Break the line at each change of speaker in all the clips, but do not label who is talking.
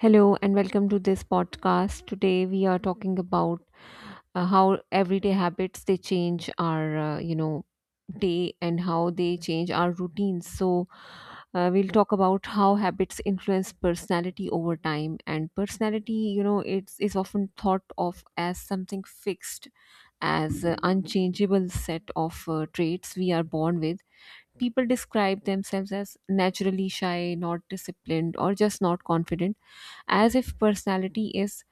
Hello and welcome to this podcast. Today we are talking about how everyday habits they change our day and how they change our routines. We'll talk about how habits influence personality over time. And personality you know it's is often thought of as something fixed, as an unchangeable set of traits we are born with. People describe themselves as naturally shy, not disciplined, or just not confident, as if personality is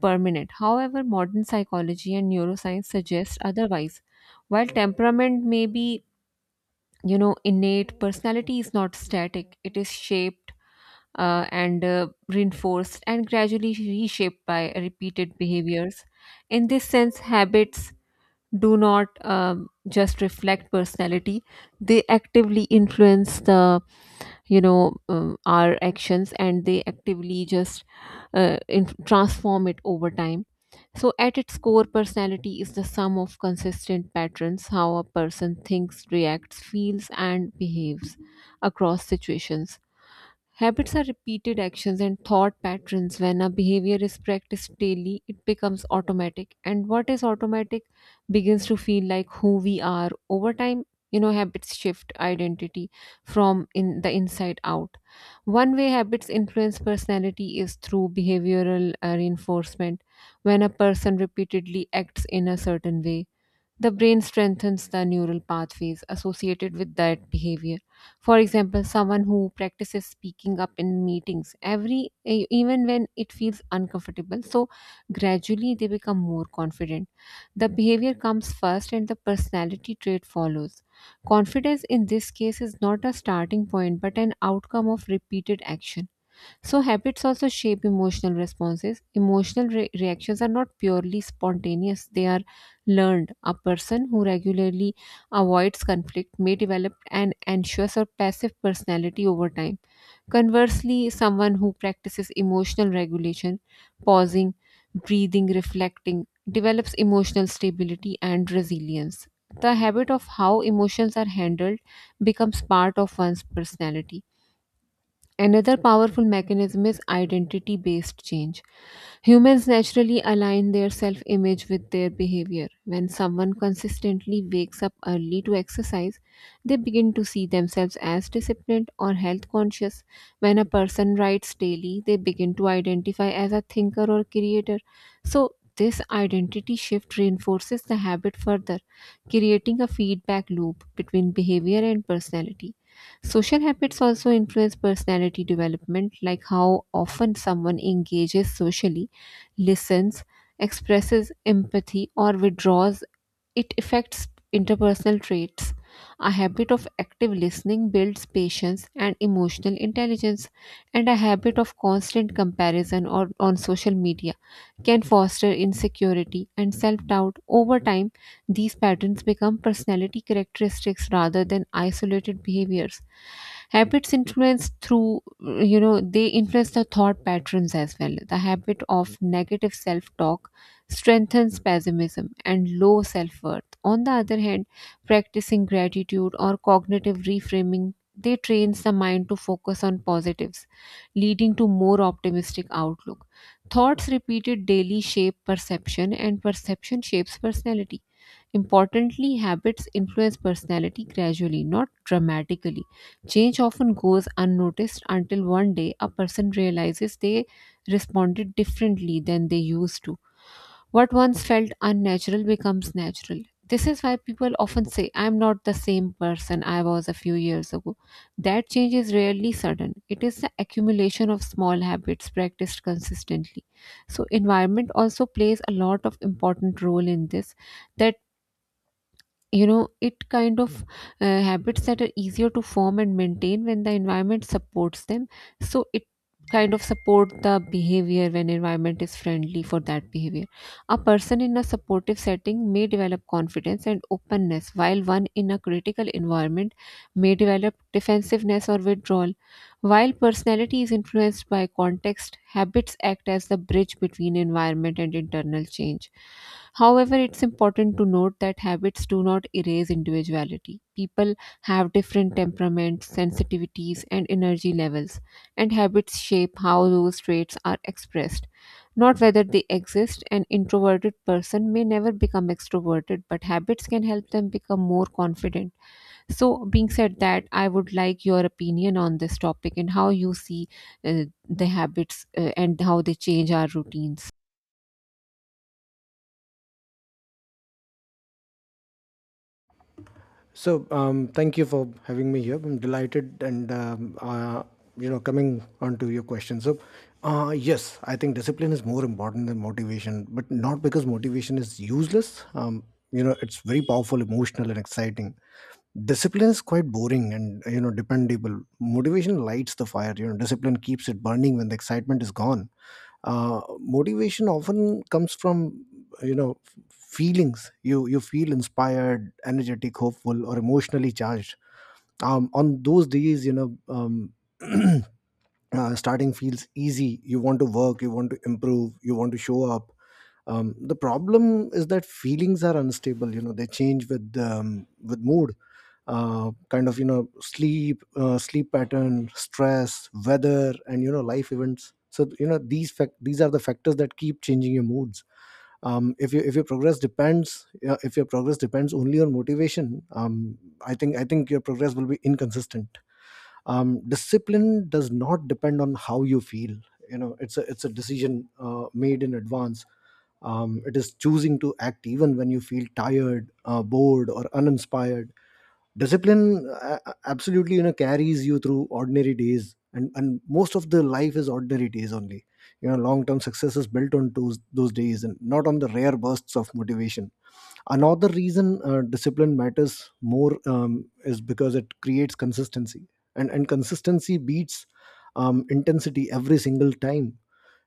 permanent. However, modern psychology and neuroscience suggest otherwise. While temperament may be, innate, personality is not static. It is shaped and reinforced and gradually reshaped by repeated behaviors. In this sense, habits do not just reflect personality; they actively influence our actions, and they actively just transform it over time. So, at its core, personality is the sum of consistent patterns: how a person thinks, reacts, feels, and behaves across situations. Habits are repeated actions and thought patterns. When a behavior is practiced daily, it becomes automatic, and what is automatic begins to feel like who we are. Over time, habits shift identity from in the inside out. One way habits influence personality is through behavioral reinforcement. When a person repeatedly acts in a certain way, the brain strengthens the neural pathways associated with that behavior. For example, someone who practices speaking up in meetings, even when it feels uncomfortable, gradually they become more confident. The behavior comes first and the personality trait follows. Confidence, in this case, is not a starting point but an outcome of repeated action. So, habits also shape emotional responses. Emotional reactions are not purely spontaneous, they are learned. A person who regularly avoids conflict may develop an anxious or passive personality over time. Conversely, someone who practices emotional regulation, pausing, breathing, reflecting, develops emotional stability and resilience. The habit of how emotions are handled becomes part of one's personality. Another powerful mechanism is identity based change. Humans naturally align their self image with their behavior. When someone consistently wakes up early to exercise, they begin to see themselves as disciplined or health conscious. When a person writes daily, they begin to identify as a thinker or creator. So, this identity shift reinforces the habit further, creating a feedback loop between behavior and personality. Social habits also influence personality development, like how often someone engages socially, listens, expresses empathy, or withdraws. It affects interpersonal traits. A habit of active listening builds patience and emotional intelligence, and a habit of constant comparison or on social media can foster insecurity and self doubt. Over time, these patterns become personality characteristics rather than isolated behaviors. Habits influence through, they influence the thought patterns as well. The habit of negative self talk strengthens pessimism and low self worth. On the other hand, practicing gratitude or cognitive reframing, they trains the mind to focus on positives, leading to more optimistic outlook. Thoughts repeated daily shape perception, and perception shapes personality. Importantly, habits influence personality gradually, not dramatically. Change often goes unnoticed until one day a person realizes they responded differently than they used to. What once felt unnatural becomes natural. This is why people often say, "I'm not the same person I was a few years ago." That change is rarely sudden, it is the accumulation of small habits practiced consistently. So, environment also plays a lot of important role in this, that you know it kind of habits that are easier to form and maintain when the environment supports them. So it kind of Support the behavior when environment is friendly for that behavior. A person in a supportive setting may develop confidence and openness, while one in a critical environment may develop defensiveness or withdrawal. While personality is influenced by context, habits act as the bridge between environment and internal change. However, it's important to note that habits do not erase individuality. People have different temperaments, sensitivities, and energy levels, and habits shape how those traits are expressed, not whether they exist. An introverted person may never become extroverted, but habits can help them become more confident. So, being said that, I would like your opinion on this topic and how you see the habits and how they change our routines.
So, thank you for having me here. I'm delighted and, coming on to your question. Yes, I think discipline is more important than motivation, but not because motivation is useless. It's very powerful, emotional, and exciting. Discipline is quite boring and, you know, dependable. Motivation lights the fire, you know, discipline keeps it burning when the excitement is gone. Motivation often comes from, you know, feelings. You feel inspired, energetic, hopeful, or emotionally charged. On those days, you know. Starting feels easy. You want to work, you want to improve, you want to show up. The problem is that feelings are unstable, you know, they change with, with mood, kind of, you know, sleep, sleep pattern, stress, weather, and, you know, life events. So, you know, these these are the factors that keep changing your moods. If you, if your progress depends, yeah, if your progress depends only on motivation, I think your progress will be inconsistent. Discipline does not depend on how you feel. You know, it's a decision made in advance. It is choosing to act even when you feel tired, bored, or uninspired. Discipline, absolutely, you know, carries you through ordinary days, and most of the life is ordinary days only. You know, long term success is built on those days and not on the rare bursts of motivation. Another reason discipline matters more is because it creates consistency, and consistency beats intensity every single time.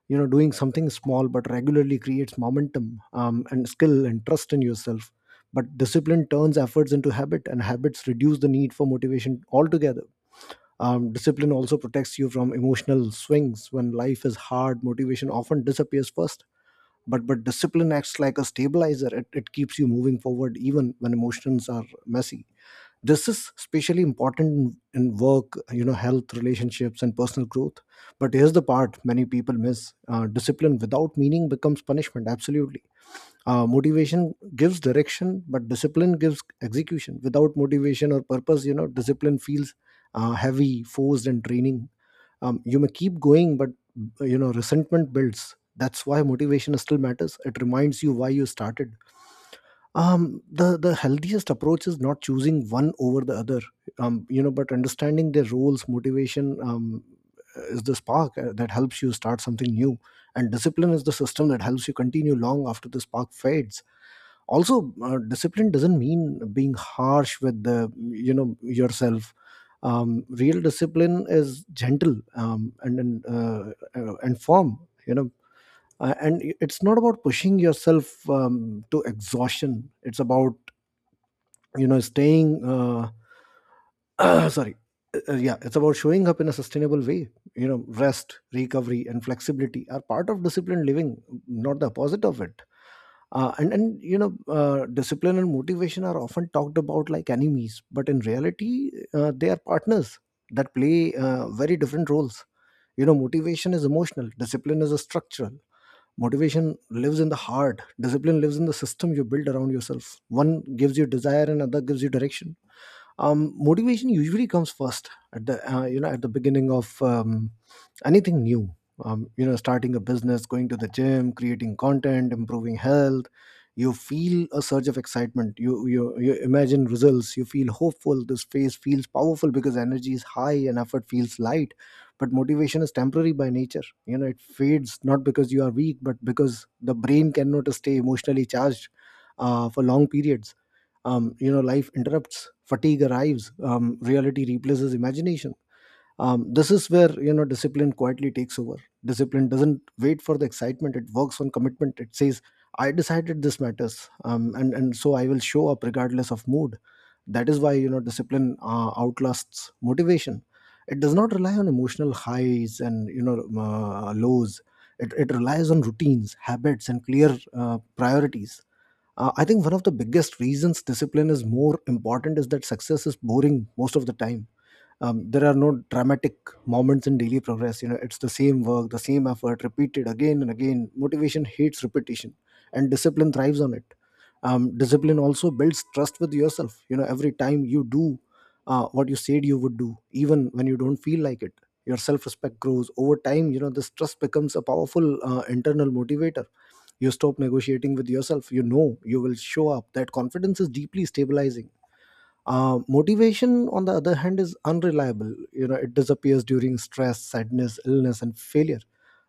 You know, doing something small but regularly creates momentum, and skill, and trust in yourself. But discipline turns efforts into habit, and habits reduce the need for motivation altogether. Discipline also protects you from emotional swings. When life is hard, motivation often disappears first, but discipline acts like a stabilizer. It keeps you moving forward even when emotions are messy. This is especially important in work, you know, health, relationships, and personal growth. But here's the part many people miss: discipline without meaning becomes punishment, absolutely. Motivation gives direction, but discipline gives execution. Without motivation or purpose, you know, discipline feels heavy, forced, and draining. You may keep going, but, you know, resentment builds. That's why motivation still matters: it reminds you why you started. The healthiest approach is not choosing one over the other, you know, but understanding their roles. Motivation, is the spark that helps you start something new, and discipline is the system that helps you continue long after the spark fades. Also, discipline doesn't mean being harsh with, the, you know, yourself. Real discipline is gentle, and firm, you know. And it's not about pushing yourself um, to exhaustion. It's about, you know, staying, uh, sorry. Yeah, it's about showing up in a sustainable way. You know, rest, recovery, and flexibility are part of disciplined living, not the opposite of it. And you know, discipline and motivation are often talked about like enemies, but in reality, they are partners that play very different roles. You know, motivation is emotional, discipline is a structural. Motivation lives in the heart, discipline lives in the system you build around yourself. One gives you desire and other gives you direction. Motivation usually comes first, at the, you know, at the beginning of, anything new. You know, starting a business, going to the gym, creating content, improving health. You feel a surge of excitement. You imagine results, you feel hopeful. This phase feels powerful because energy is high and effort feels light. But motivation is temporary by nature. You know, it fades not because you are weak, but because the brain cannot stay emotionally charged for long periods. You know, life interrupts, fatigue arrives, reality replaces imagination. This is where, you know, discipline quietly takes over. Discipline doesn't wait for the excitement, it works on commitment. It says, I decided this matters, and so I will show up regardless of mood. That is why, you know, discipline outlasts motivation. It does not rely on emotional highs and, you know, lows. It relies on routines, habits, and clear priorities. I think one of the biggest reasons discipline is more important is that success is boring most of the time. There are no dramatic moments in daily progress. You know, it's the same work, the same effort repeated again and again. Motivation hates repetition, and discipline thrives on it. Discipline also builds trust with yourself. You know, every time you do what you said you would do, even when you don't feel like it, your self-respect grows over time. You know, this trust becomes a powerful internal motivator. You stop negotiating with yourself. You know, you will show up. That confidence is deeply stabilizing. Motivation, on the other hand, is unreliable. You know, it disappears during stress, sadness, illness, and failure.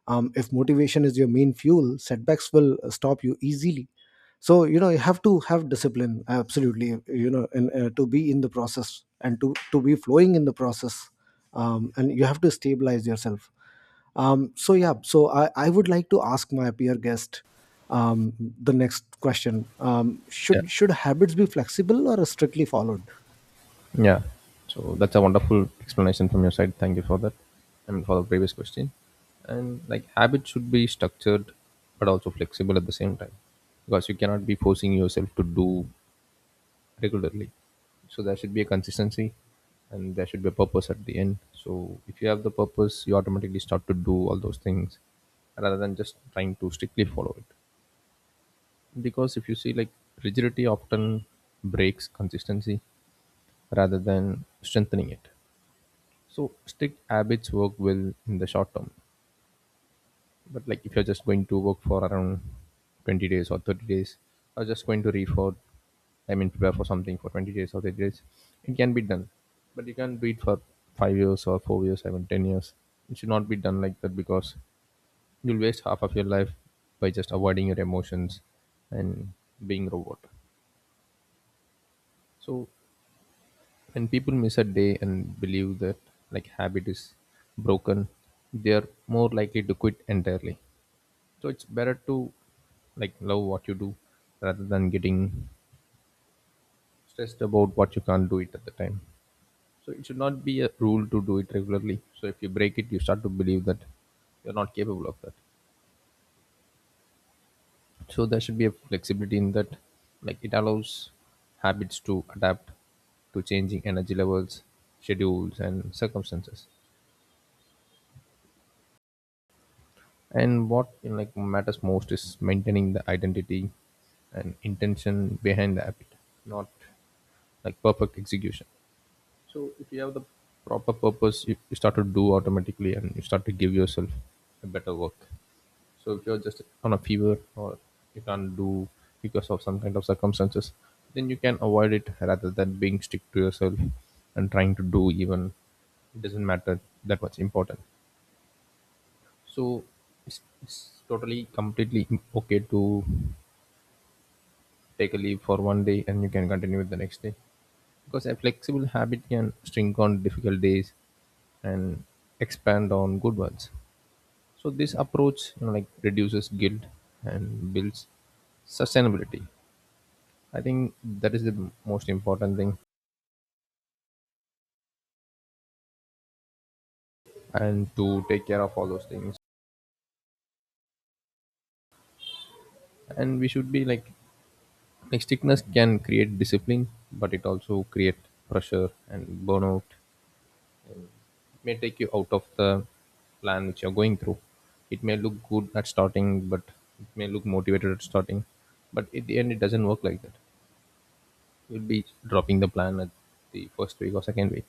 If motivation is your main fuel, setbacks will stop you easily. So, you know, you have to have discipline. Absolutely, you know, and to be in the process, and to be flowing in the process, and you have to stabilize yourself. So yeah, so I would like to ask my peer guest, um, the next question:
Yeah.
should habits be flexible or strictly followed?
Yeah. So that's a wonderful explanation from your side. Thank you for that. I mean, for the previous question. And like habit should be structured but also flexible at the same time because you cannot be forcing yourself to do regularly. So there should be a consistency and there should be a purpose at the end. So if you have the purpose, you automatically start to do all those things rather than just trying to strictly follow it. Because if you see, like rigidity often breaks consistency rather than strengthening it. So strict habits work well in the short term, but like if you're just going to work for around 20 days or 30 days, or just going to read for, I mean, prepare for something for 20 days or 30 days, it can be done, but you can't do it for 5 years or 4 years, even 10 years. It should not be done like that because you'll waste half of your life by just avoiding your emotions and being robot. So when people miss a day and believe that like habit is broken, they are more likely to quit entirely. So it's better to like love what you do rather than getting stressed about what you can't do it at the time. So it should not be a rule to do it regularly, so if you break it you start to believe that you're not capable of that. So there should be a flexibility in that, like it allows habits to adapt to changing energy levels, schedules and circumstances. And what like matters most is maintaining the identity and intention behind the app, not like perfect execution. So if you have the proper purpose, you start to do automatically and you start to give yourself a better work. So if you're just on a fever or you can't do because of some kind of circumstances, then you can avoid it rather than being strict to yourself and trying to do even it doesn't matter that much important. So it's totally completely okay to take a leave for one day and you can continue with the next day, because a flexible habit can shrink on difficult days and expand on good ones. So this approach, like reduces guilt and builds sustainability. I think that is the most important thing and to take care of all those things. And we should be like strictness can create discipline, but it also create pressure and burnout, may take you out of the plan which you're going through. It may look good at starting, but it may look motivated at starting, but at the end, it doesn't work like that. You'll be dropping the plan at the first week or second week.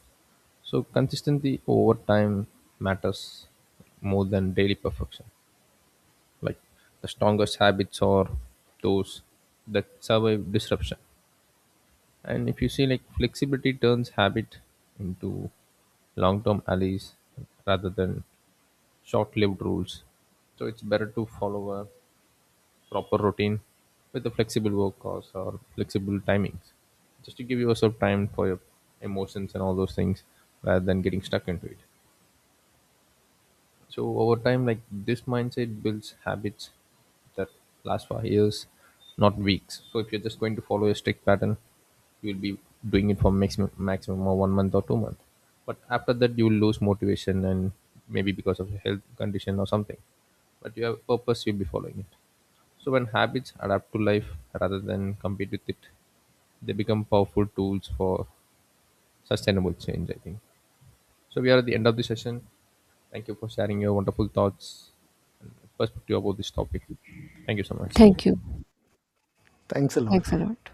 So, consistency over time matters more than daily perfection. Like the strongest habits are those that survive disruption. And if you see, like flexibility turns habit into long term allies rather than short-lived rules. So it's better to follow a proper routine with a flexible work hours or flexible timings, just to give yourself time for your emotions and all those things, rather than getting stuck into it. So over time, like this mindset builds habits that last for years, not weeks. So if you're just going to follow a strict pattern, you'll be doing it for maximum of one month or 2 months. But after that, you'll lose motivation and maybe because of a health condition or something. But you have a purpose, you'll be following it. So when habits adapt to life rather than compete with it, they become powerful tools for sustainable change. I think. So we are at the end of the session. Thank you for sharing your wonderful thoughts perspective about this topic. Thank you so much.
Thank you.
Thanks a lot.
Thanks a lot.